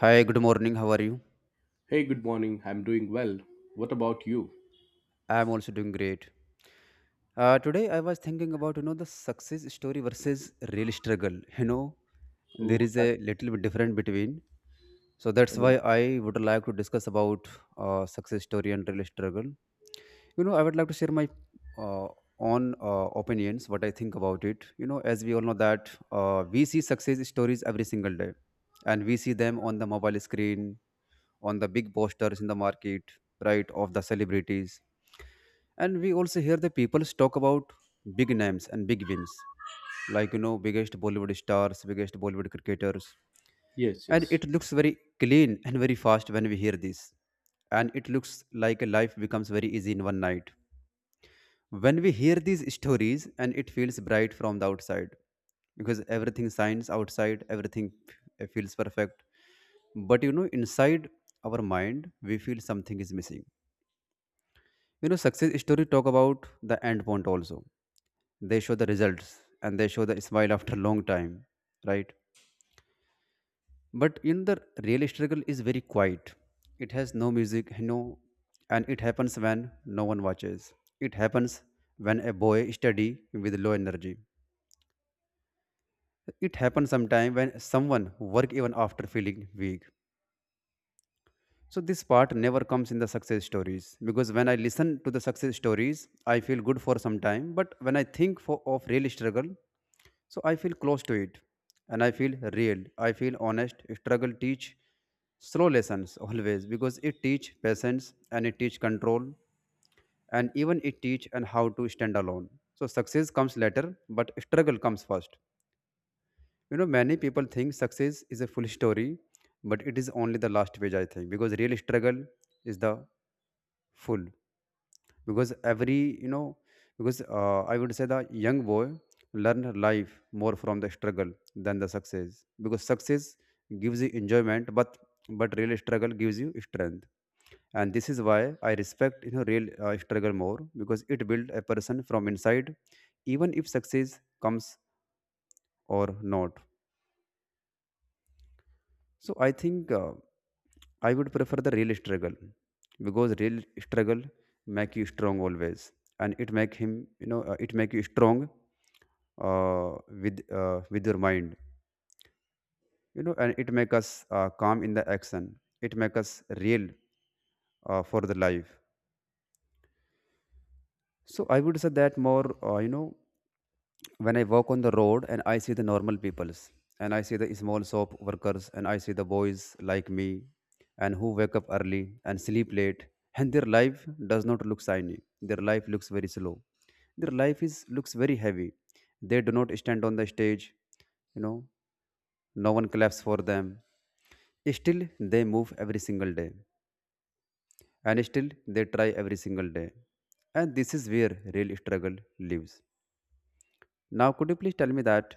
Hi, good morning. How are you? Hey, good morning. I'm doing well. What about you? I'm also doing great. Today I was thinking about the success story versus real struggle. You know, Oh, there is that's a little bit different between. So that's good. why I would like to discuss about success story and real struggle. You know, I would like to share my uh, own opinions, what I think about it. You know, as we all know that we see success stories every single day, and we see them on the mobile screen, on the big posters in the market, right, of the celebrities, and we also hear the people talk about big names and big wins like you know biggest bollywood stars, biggest bollywood cricketers. Yes, And yes. it looks very clean and very fast when we hear this, and it looks like life becomes very easy in one night when we hear these stories, and it feels bright from the outside because everything shines outside, everything feels perfect. But you know inside our mind we feel something is missing. You know, success story talk about the end point also. They show the results and they show the smile after a long time, right? But in the real struggle is very quiet. It has no music, you know, and it happens when no one watches. It happens when a boy study with low energy. It happens sometime when someone work even after feeling weak. So this part never comes in the success stories because when I listen to the success stories, I feel good for some time. But when I think for, of real struggle, so I feel close to it, and I feel real. I feel honest. Struggle teach slow lessons always because it teach patience and it teach control, and even it teach and how to stand alone. So success comes later, but struggle comes first. You know, many people think success is a full story, but it is only the last page. I think because real struggle is the full because every you know because I would say the young boy learn life more from the struggle than the success because success gives you enjoyment but real struggle gives you strength. And this is why I respect you know real struggle more because it builds a person from inside even if success comes or not. So I think I would prefer the real struggle because real struggle make you strong always, and it make him you know it make you strong with your mind, you know, and it make us calm in the action. It make us real for the life. So I would say that more you know when I walk on the road and I see the normal peoples, and I see the small shop workers and I see the boys like me and who wake up early and sleep late, and their life does not look shiny. Their life looks very slow. Their life is looks very heavy. They do not stand on the stage, you know, no one claps for them. Still they move every single day. And still they try every single day. And this is where real struggle lives. Now could you please tell me that?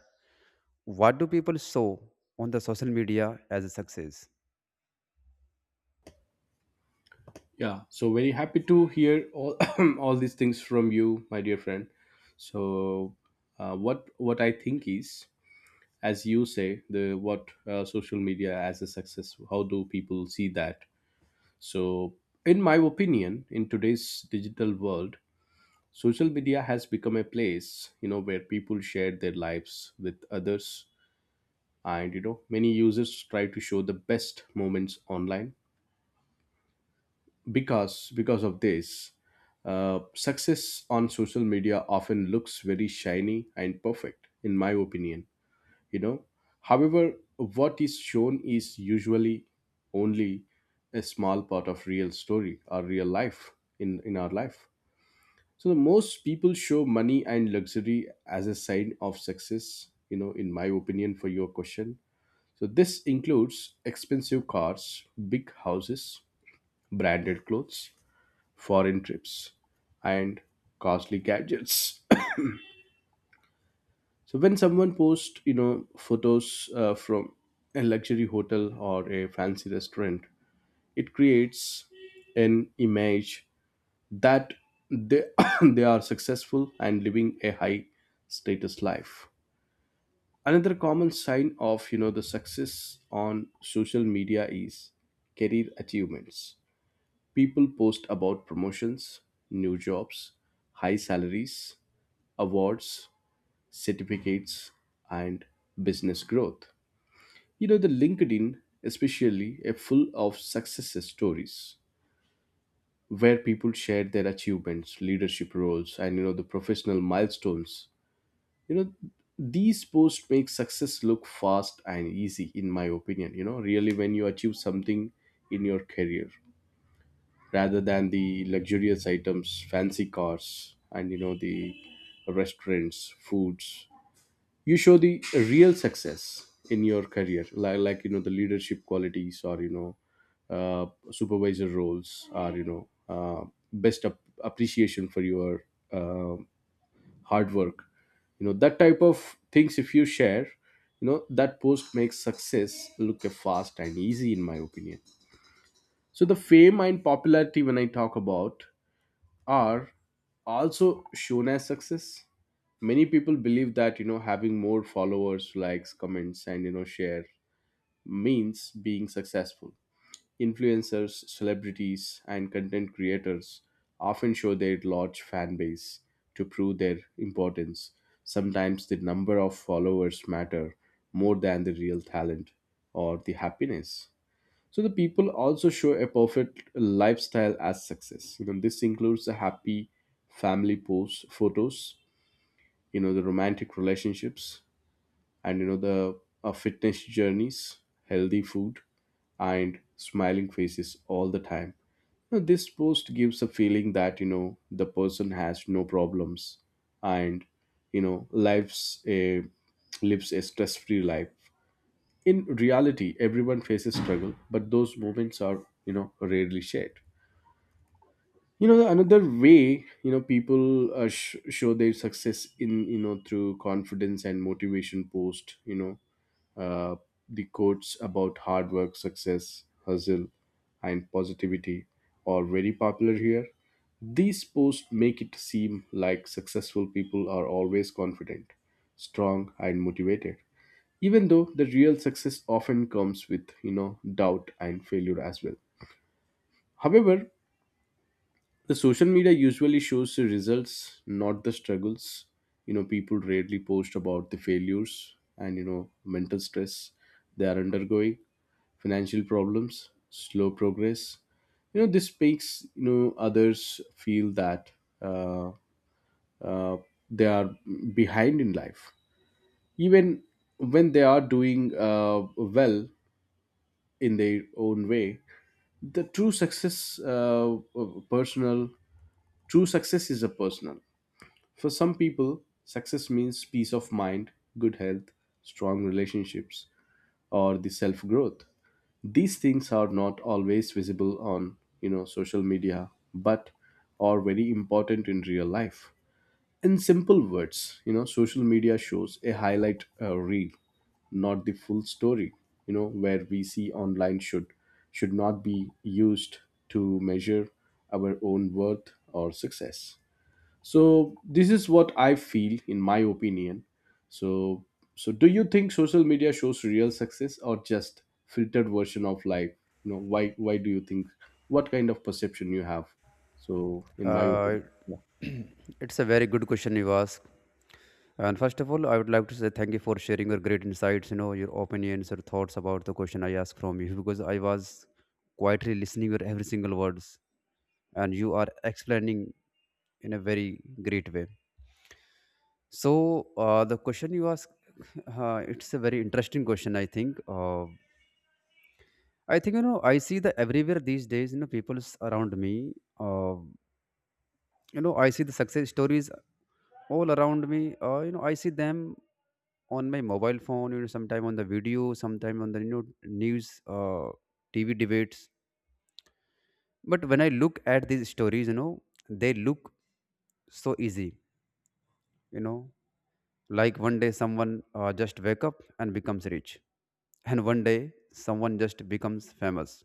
What do people show on the social media as a success? Yeah, so very happy to hear all all these things from you, my dear friend. So, what I think is, as you say, the what social media as a success. How do people see that? So, in my opinion, in today's digital world, social media has become a place, you know, where people share their lives with others, and, you know, many users try to show the best moments online, because of this, success on social media often looks very shiny and perfect, in my opinion, you know. However, what is shown is usually only a small part of real story or real life, in our life. So the most people show money and luxury as a sign of success, you know, in my opinion, for your question. So this includes expensive cars, big houses, branded clothes, foreign trips, and costly gadgets. So when someone posts, you know, photos from a luxury hotel or a fancy restaurant, it creates an image that they they are successful and living a high status life. Another common sign of, you know, the success on social media is career achievements. People post about promotions, new jobs, high salaries, awards, certificates, and business growth. You know, the LinkedIn, especially, is full of success stories where people share their achievements, leadership roles, and, you know, the professional milestones. You know, these posts make success look fast and easy, in my opinion. You know, really, when you achieve something in your career, rather than the luxurious items, fancy cars, and, you know, the restaurants, foods. You show the real success in your career, like you know the leadership qualities, or you know supervisor roles, or you know, appreciation for your uh, hard work. You know, that type of things. If you share, you know, that post makes success look fast and easy, in my opinion. So the fame and popularity, when I talk about, are also shown as success. Many people believe that, you know, having more followers, likes, comments, and, you know, share means being successful. Influencers, celebrities, and content creators often show their large fan base to prove their importance. Sometimes the number of followers matter more than the real talent or the happiness. So the people also show a perfect lifestyle as success. You know, this includes the happy family posts, photos, you know, the romantic relationships, and, you know, the fitness journeys, healthy food, and smiling faces all the time. Now, this post gives a feeling that, you know, the person has no problems, and, you know, lives a stress-free life. In reality, everyone faces struggle, but those moments are, you know, rarely shared. You know, another way, you know, people show their success in, you know, through confidence and motivation post, you know, uh, the quotes about hard work, success, hustle, and positivity are very popular here. These posts make it seem like successful people are always confident, strong, and motivated, even though the real success often comes with, you know, doubt and failure as well. However, the social media usually shows the results, not the struggles. You know, people rarely post about the failures, and, you know, mental stress they are undergoing, financial problems, slow progress. You know, this makes, you know, others feel that uh, uh, they are behind in life, even when they are doing well in their own way. The true success, personal, true success is a personal. For some people, success means peace of mind, good health, strong relationships, or the self growth. These things are not always visible on, you know, social media, but are very important in real life. In simple words, you know, social media shows a highlight reel, not the full story. You know, where we see online should not be used to measure our own worth or success. So this is what I feel, in my opinion. So so do you think social media shows real success, or just filtered version of life? You know, why do you think? What kind of perception you have? So in my opinion, Uh, yeah. it's a very good question you ask. And first of all, I would like to say thank you for sharing your great insights, you know, your opinions, your thoughts about the question I asked from you because I was quietly listening your every single words and you are explaining in a very great way. So the question you ask, it's a very interesting question, I think. I think you know I see the everywhere these days. You know, people around me. Uh, you know I see the success stories all around me, you know I see them on my mobile phone, you know, sometime on the video, sometime on the you know news, uh, tv debates. But when I look at these stories, you know, they look so easy. You know, like one day someone just wake up and becomes rich, and one day someone just becomes famous.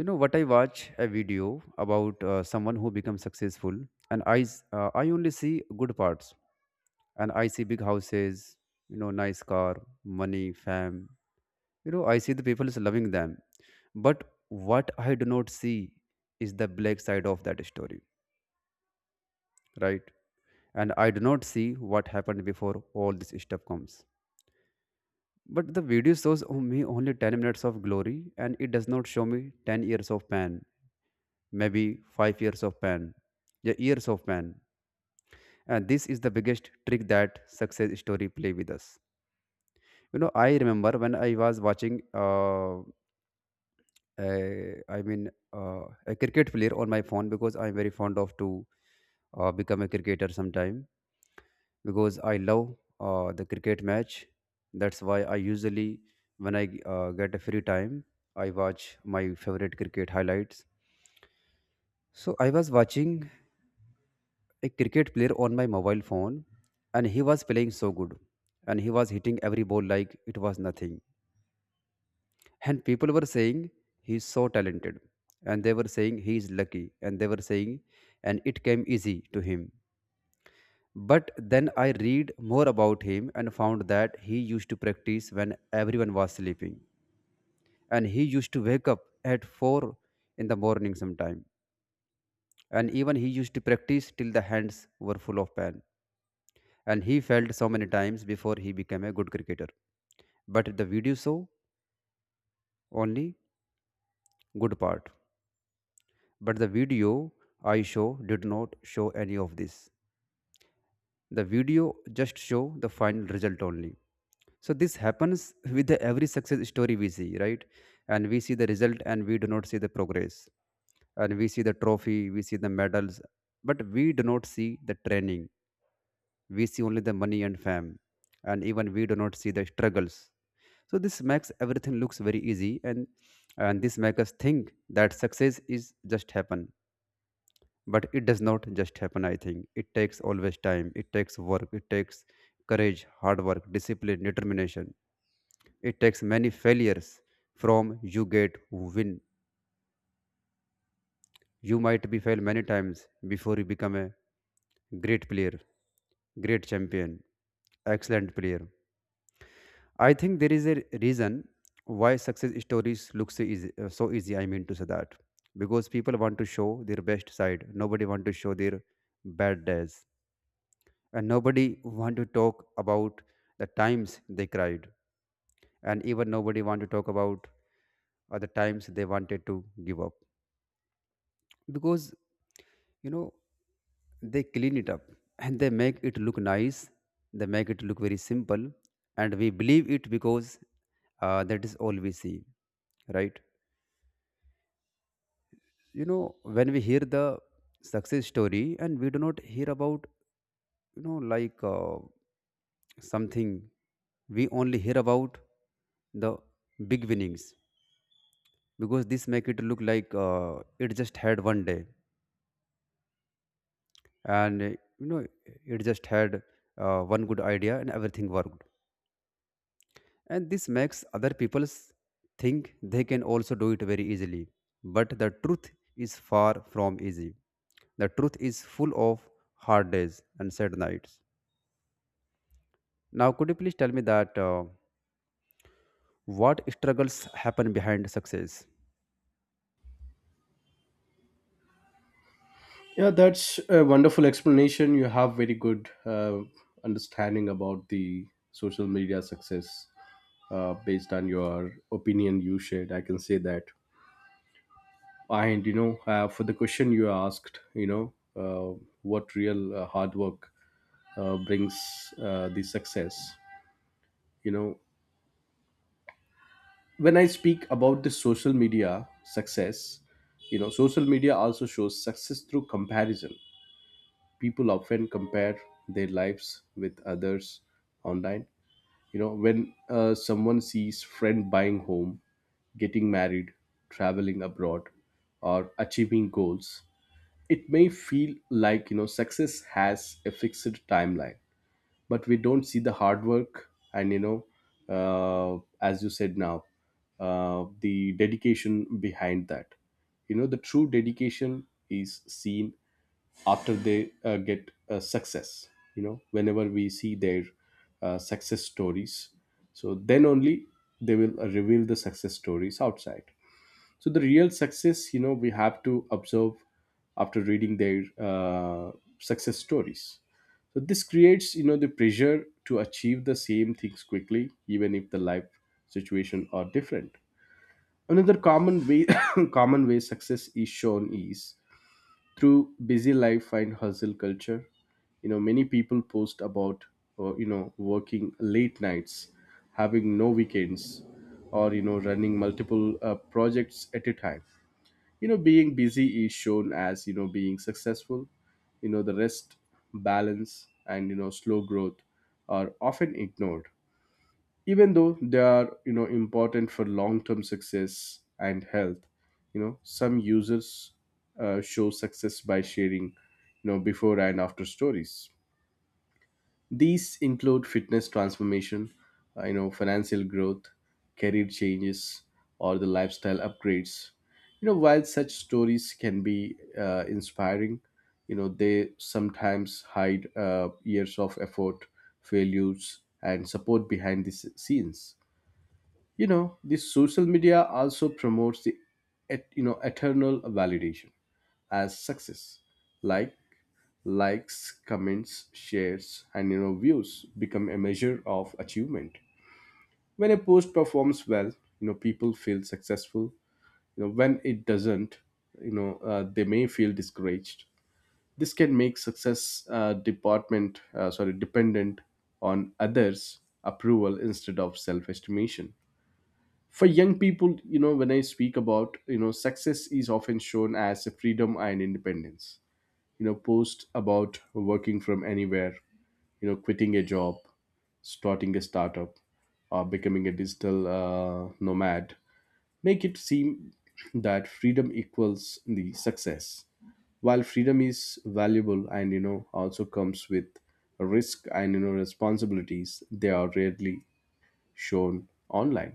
You know what, I watch a video about someone who becomes successful, and I only see good parts, and I see big houses, you know, nice car, money, fame. You know, I see the people is loving them. But what I do not see is the black side of that story, right? And I do not see what happened before all this stuff comes. But the video shows me only 10 minutes of glory and it does not show me 10 years of pain, maybe 5 years of pain, yeah, years of pain. And this is the biggest trick that success story play with us. You know, I remember when I was watching uh, I a cricket player on my phone because I'm very fond of to become a cricketer sometime because I love the cricket match. That's why I usually, when I get a free time, I watch my favorite cricket highlights. So I was watching a cricket player on my mobile phone, and he was playing so good, and he was hitting every ball like it was nothing. And people were saying he's so talented, and they were saying he is lucky, and they were saying, and it came easy to him. But then I read more about him and found that he used to practice when everyone was sleeping, and he used to wake up at 4 in the morning sometime, and even he used to practice till the hands were full of pain. And he failed so many times before he became a good cricketer. But the video show only good part. But the video I show did not show any of this. The video just show the final result only. So this happens with the every success story we see, right? And we see the result and we do not see the progress. And we see the trophy, we see the medals, but we do not see the training. We see only the money and fame. And even we do not see the struggles. So this makes everything looks very easy, and this makes us think that success is just happen. But it does not just happen. I think it takes always time, it takes work, it takes courage, hard work, discipline, determination. It takes many failures from you get win. You might be failed many times before you become a great player, great champion, excellent player. I think there is a reason why success stories look so easy I mean to say that, because people want to show their best side. Nobody want to show their bad days, and nobody want to talk about the times they cried, and even nobody want to talk about the times they wanted to give up because you know they clean it up and they make it look nice, they make it look very simple, and we believe it because that is all we see, right? You know, when we hear the success story and we do not hear about you know like something, we only hear about the big winnings because this make it look like it just had one day and you know it just had one good idea and everything worked, and this makes other people think they can also do it very easily. But the truth is far from easy. The truth is full of hard days and sad nights. Now could you please tell me that what struggles happen behind success? Yeah, that's a wonderful explanation. You have very good understanding about the social media success based on your opinion you shared. I can say that. And you know, for the question you asked, you know, what real hard work brings the success? You know, when I speak about the social media success, you know, social media also shows success through comparison. People often compare their lives with others online. You know, when someone sees friend buying home, getting married, traveling abroad, or achieving goals, it may feel like, you know, success has a fixed timeline, but we don't see the hard work, and, you know, uh, as you said now, the dedication behind that. You know, the true dedication is seen after they get success. You know, whenever we see their success stories, so then only they will reveal the success stories outside. So the real success, you know, we have to observe after reading their success stories. So this creates, you know, the pressure to achieve the same things quickly, even if the life situation are different. Another common way common way success is shown is through busy life and hustle culture. You know, many people post about, you know, working late nights, having no weekends, or, you know, running multiple projects at a time. You know, being busy is shown as, you know, being successful. You know, the rest, balance, and, you know, slow growth are often ignored, even though they are, you know, important for long-term success and health. You know, some users show success by sharing, you know, before and after stories. These include fitness transformation, you know, financial growth, career changes, or the lifestyle upgrades. You know, while such stories can be inspiring, you know, they sometimes hide years of effort, failures, and support behind the scenes. You know, the social media also promotes the you know eternal validation as success. Like, likes, comments, shares, and, you know, views become a measure of achievement. When a post performs well, you know, people feel successful. You know, when it doesn't, you know, they may feel discouraged. This can make success department sorry dependent on others approval instead of self estimation. For young people, you know, when I speak about, you know, success is often shown as freedom and independence. You know, posts about working from anywhere, you know, quitting a job, starting a startup, or becoming a digital nomad make it seem that freedom equals the success. While freedom is valuable, and, you know, also comes with risk and, you know, responsibilities, they are rarely shown online.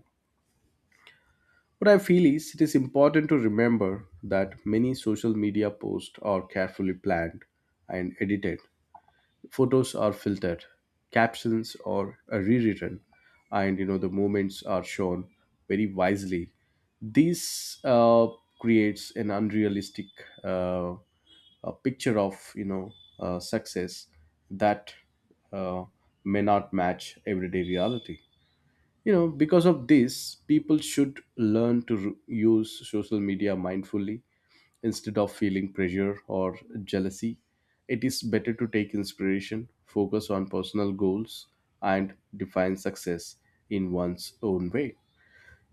What I feel is, it is important to remember that many social media posts are carefully planned and edited. Photos are filtered, captions are rewritten, and, you know, the moments are shown very wisely. This creates an unrealistic uh, a picture of, you know, success that uh, may not match everyday reality. You know, because of this, people should learn to use social media mindfully. Instead of feeling pressure or jealousy, it is better to take inspiration, focus on personal goals, and define success in one's own way.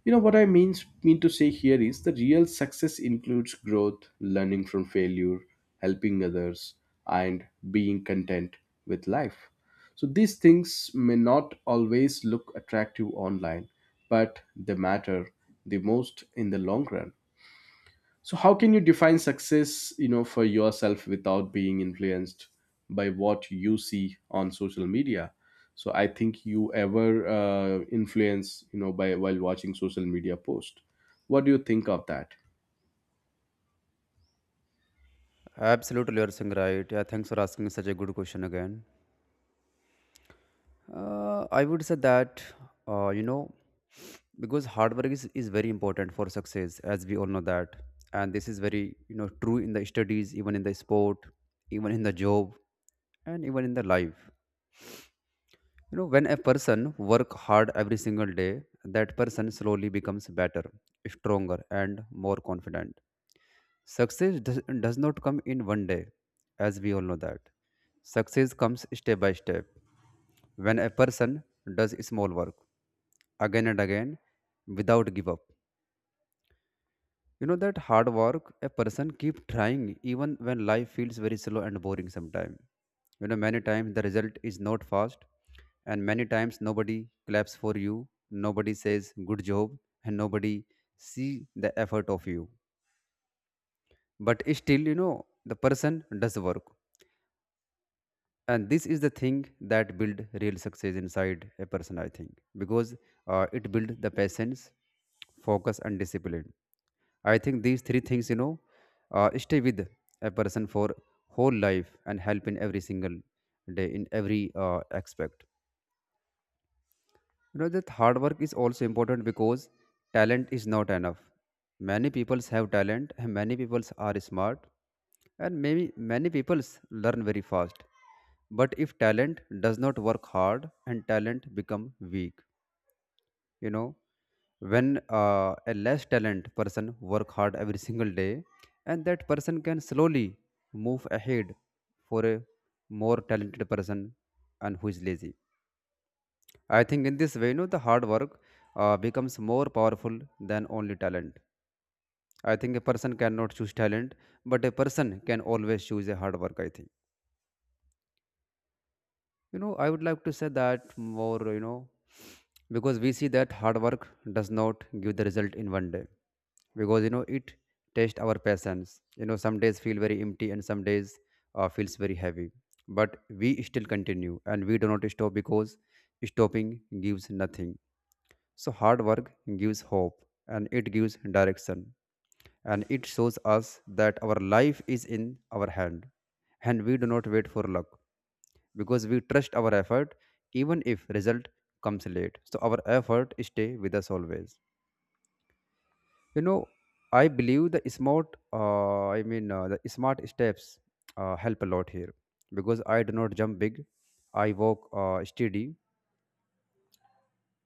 You know what I mean to say here is, the real success includes growth, learning from failure, helping others, and being content with life. So these things may not always look attractive online, but they matter the most in the long run. So how can you define success, you know, for yourself without being influenced by what you see on social media? So I think, you ever influence, you know, by while watching social media post. What do you think of that? Absolutely, you're saying right. Yeah, thanks for asking such a good question again. I would say that, you know, because hard work is very important for success, as we all know that. And this is very, you know, true in the studies, even in the sport, even in the job, and even in the life. You know, when a person work hard every single day, that person slowly becomes better, stronger, and more confident. Success does not come in one day, as we all know that. Success comes step by step. When a person does small work again and again without give up. You know that hard work a person keep trying even when life feels very slow and boring sometimes. You know many times the result is not fast and many times nobody claps for you, nobody says good job, and nobody see the effort of you. But still, you know, the person does work, and this is the thing that build real success inside a person, I think. Because it build the patience, focus and discipline. I think these three things, you know, stay with a person for whole life and help in every single day in every aspect. You know that hard work is also important because talent is not enough. Many people have talent and many people are smart, and maybe many people learn very fast. But if talent does not work hard and talent become weak, you know, when a less talent person work hard every single day, and that person can slowly move ahead for a more talented person and who is lazy. I think in this way, you know, the hard work becomes more powerful than only talent. I think a person cannot choose talent, but a person can always choose a hard work. I think, you know. I would like to say that more, you know, because we see that hard work does not give the result in one day, because you know it tests our patience. You know, some days feel very empty and some days feels very heavy, but we still continue and we do not stop because stopping gives nothing. So, hard work gives hope, and it gives direction, and it shows us that our life is in our hand, and we do not wait for luck because we trust our effort. Even if result comes late, so our effort stay with us always, you know. I believe the smart I mean the smart steps help a lot here because I do not jump big, I walk steady.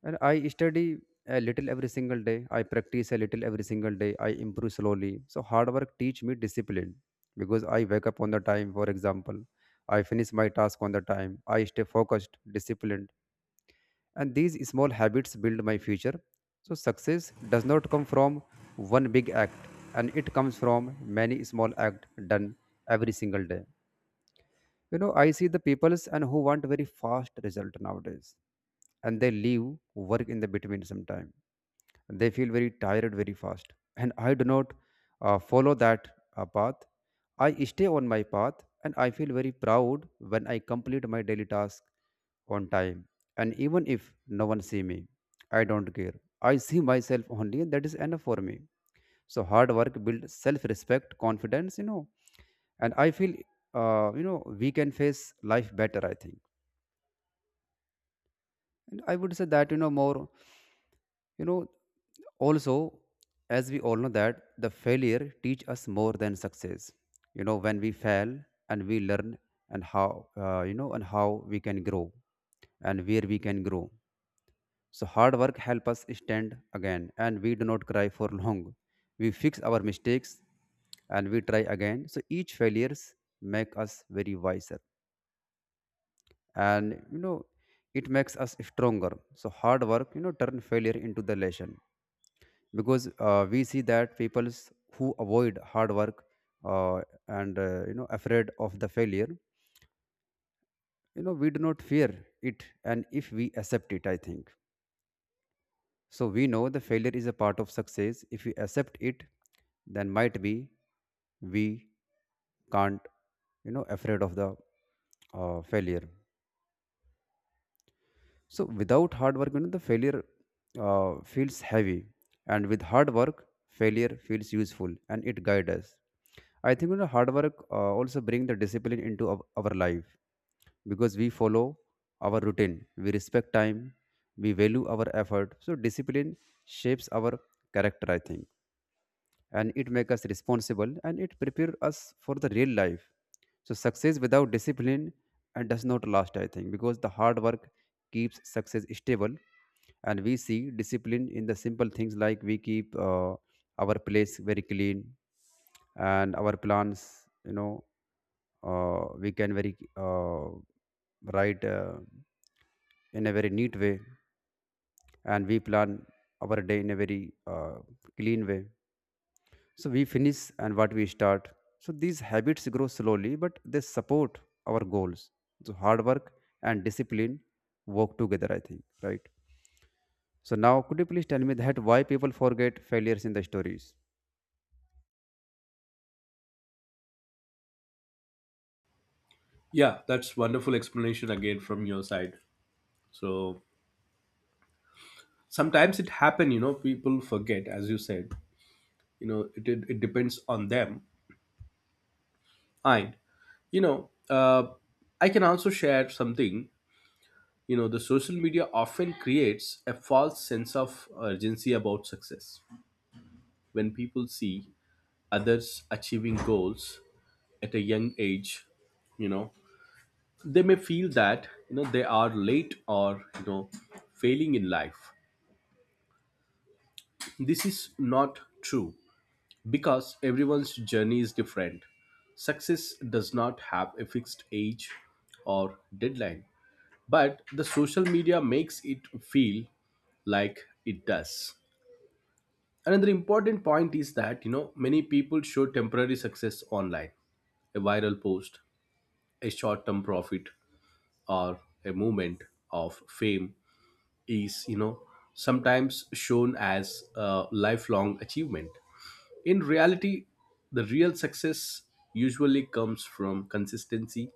And I study a little every single day. I practice a little every single day. I improve slowly. So hard work teach me discipline because I wake up on the time, for example. I finish my task on the time. I stay focused, disciplined. And these small habits build my future. So success does not come from one big act, and it comes from many small acts done every single day. You know, I see the peoples and who want very fast result nowadays, and they leave work in the between sometime, they feel very tired very fast. And I do not follow that path. I stay on my path, and I feel very proud when I complete my daily task on time. And even if no one see me, I don't care. I see myself only and that is enough for me. So hard work builds self respect, confidence, you know. And I feel you know we can face life better, I think. And I would say that, you know, more, you know, also, as we all know that the failure teach us more than success. You know, when we fail and we learn, and how you know, and how we can grow, and where we can grow. So hard work help us stand again, and we do not cry for long. We fix our mistakes, and we try again. So each failures make us very wiser, and you know, it makes us stronger. So hard work, you know, turn failure into the lesson. Because we see that people who avoid hard work uh, and you know afraid of the failure, you know, we do not fear it, and if we accept it, I think. So we know the failure is a part of success if we accept it, then might be we can't, you know, afraid of the failure. So without hard work, you know, the failure feels heavy, and with hard work, failure feels useful and it guides us. I think, you know, hard work also bring the discipline into our life, because we follow our routine, we respect time, we value our effort. So discipline shapes our character, I think, and it makes us responsible and it prepares us for the real life. So success without discipline and does not last, I think, because the hard work keeps success stable. And we see discipline in the simple things, like we keep our place very clean, and our plans, you know, we can very write in a very neat way, and we plan our day in a very clean way, so we finish and what we start. So these habits grow slowly, but they support our goals. So hard work and discipline work together, I think, right? So now, could you please tell me that why people forget failures in the stories? Yeah, that's wonderful explanation again from your side. So sometimes it happen, you know, people forget, as you said, you know, it depends on them. And you know, I can also share something. You know, the social media often creates a false sense of urgency about success. When people see others achieving goals at a young age, you know, they may feel that, you know, they are late, or, you know, failing in life. This is not true, because everyone's journey is different. Success does not have a fixed age or deadline, but the social media makes it feel like it does. Another important point is that, you know, many people show temporary success online. A viral post, a short term profit, or a moment of fame is, you know, sometimes shown as a lifelong achievement. In reality, the real success usually comes from consistency,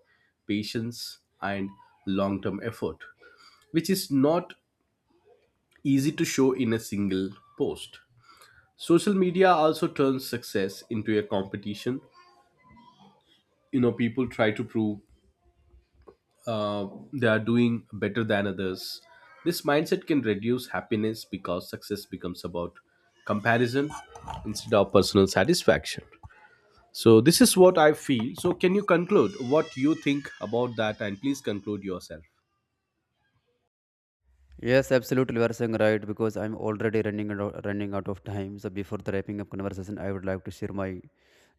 patience, and long term effort, which is not easy to show in a single post. Social media also turns success into a competition. You know, people try to prove, uh, they are doing better than others. This mindset can reduce happiness, because success becomes about comparison instead of personal satisfaction. So this is what I feel. So can you conclude what you think about that, and please conclude yourself? Yes, absolutely. You are saying right because I'm already running out of time. So before the wrapping up conversation, I would like to share my, you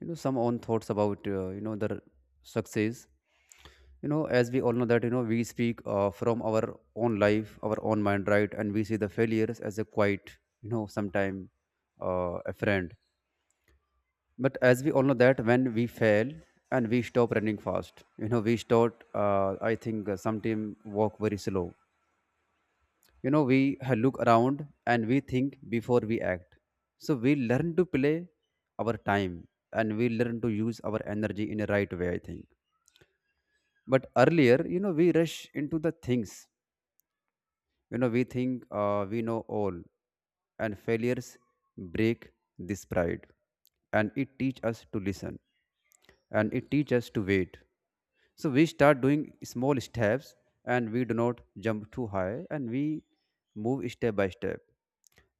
know, some own thoughts about you know, the success. You know, as we all know that, you know, we speak from our own life, our own mind, right? And we see the failures as a quite, you know, sometime a friend. But as we all know that when we fail and we stop running fast, you know, we start I think sometime walk very slow. You know, we look around and we think before we act. So we learn to play our time, and we learn to use our energy in a right way, I think. But earlier, you know, we rush into the things. You know, we think we know all, and failures break this pride. And it teach us to listen, and it teach us to wait. So we start doing small steps, and we do not jump too high, and we move step by step.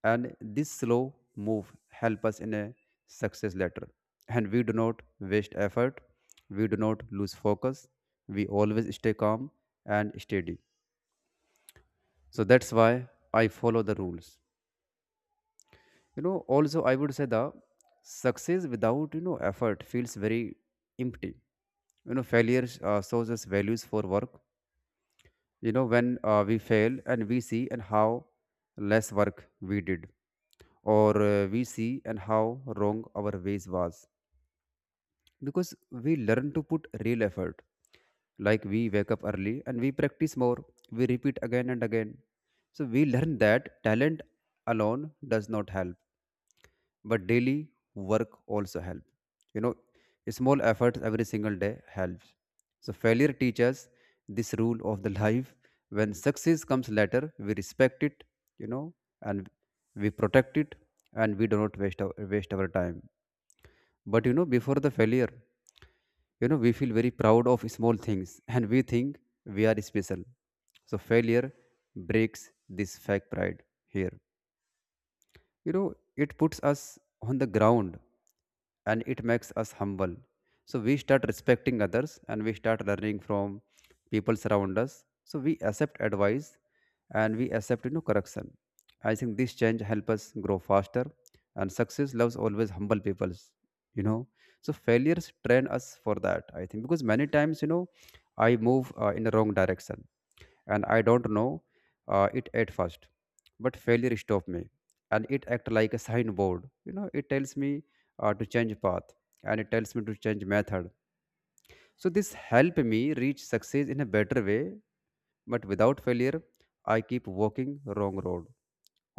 And this slow move help us in a success later. And we do not waste effort, we do not lose focus, we always stay calm and steady. So that's why I follow the rules. You know, also I would say the success without, you know, effort feels very empty. You know, failure shows us values for work. You know, when we fail and we see and how less work we did, or we see and how wrong our ways was. Because we learn to put real effort, like we wake up early and we practice more, we repeat again and again. So we learn that talent alone does not help, but daily work also help, you know. Small efforts every single day helps. So failure teaches this rule of the life. When success comes later, we respect it, you know, and we protect it, and we do not waste our time. But you know, before the failure, you know, we feel very proud of small things and we think we are special. So failure breaks this fake pride here, you know. It puts us on the ground, and it makes us humble. So we start respecting others, and we start learning from people around us. So we accept advice, and we accept, you know, correction. I think this change help us grow faster, and success loves always humble peoples, you know. So failures train us for that, I think. Because many times, you know, I move in the wrong direction, and I don't know it at first, but failure stopped me. And it act like a signboard, you know. It tells me to change path, and it tells me to change method. So this help me reach success in a better way. But without failure, I keep walking wrong road,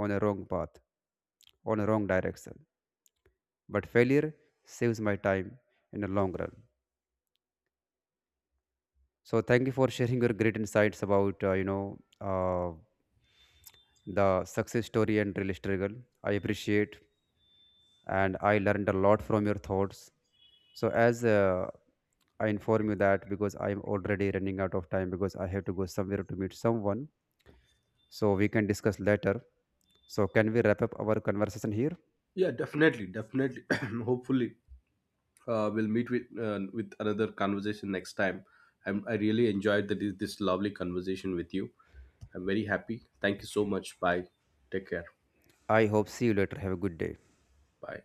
on a wrong path, on a wrong direction. But failure saves my time in the long run. So thank you for sharing your great insights about you know, the success story and real struggle. I appreciate, and I learned a lot from your thoughts. So as I inform you that because I'm already running out of time, because I have to go somewhere to meet someone, so we can discuss later. So can we wrap up our conversation here? Yeah, definitely, definitely. Hopefully we'll meet with another conversation next time. I really enjoyed this lovely conversation with you. I'm very happy. Thank you so much. Bye. Take care. I hope see you later. Have a good day. Bye.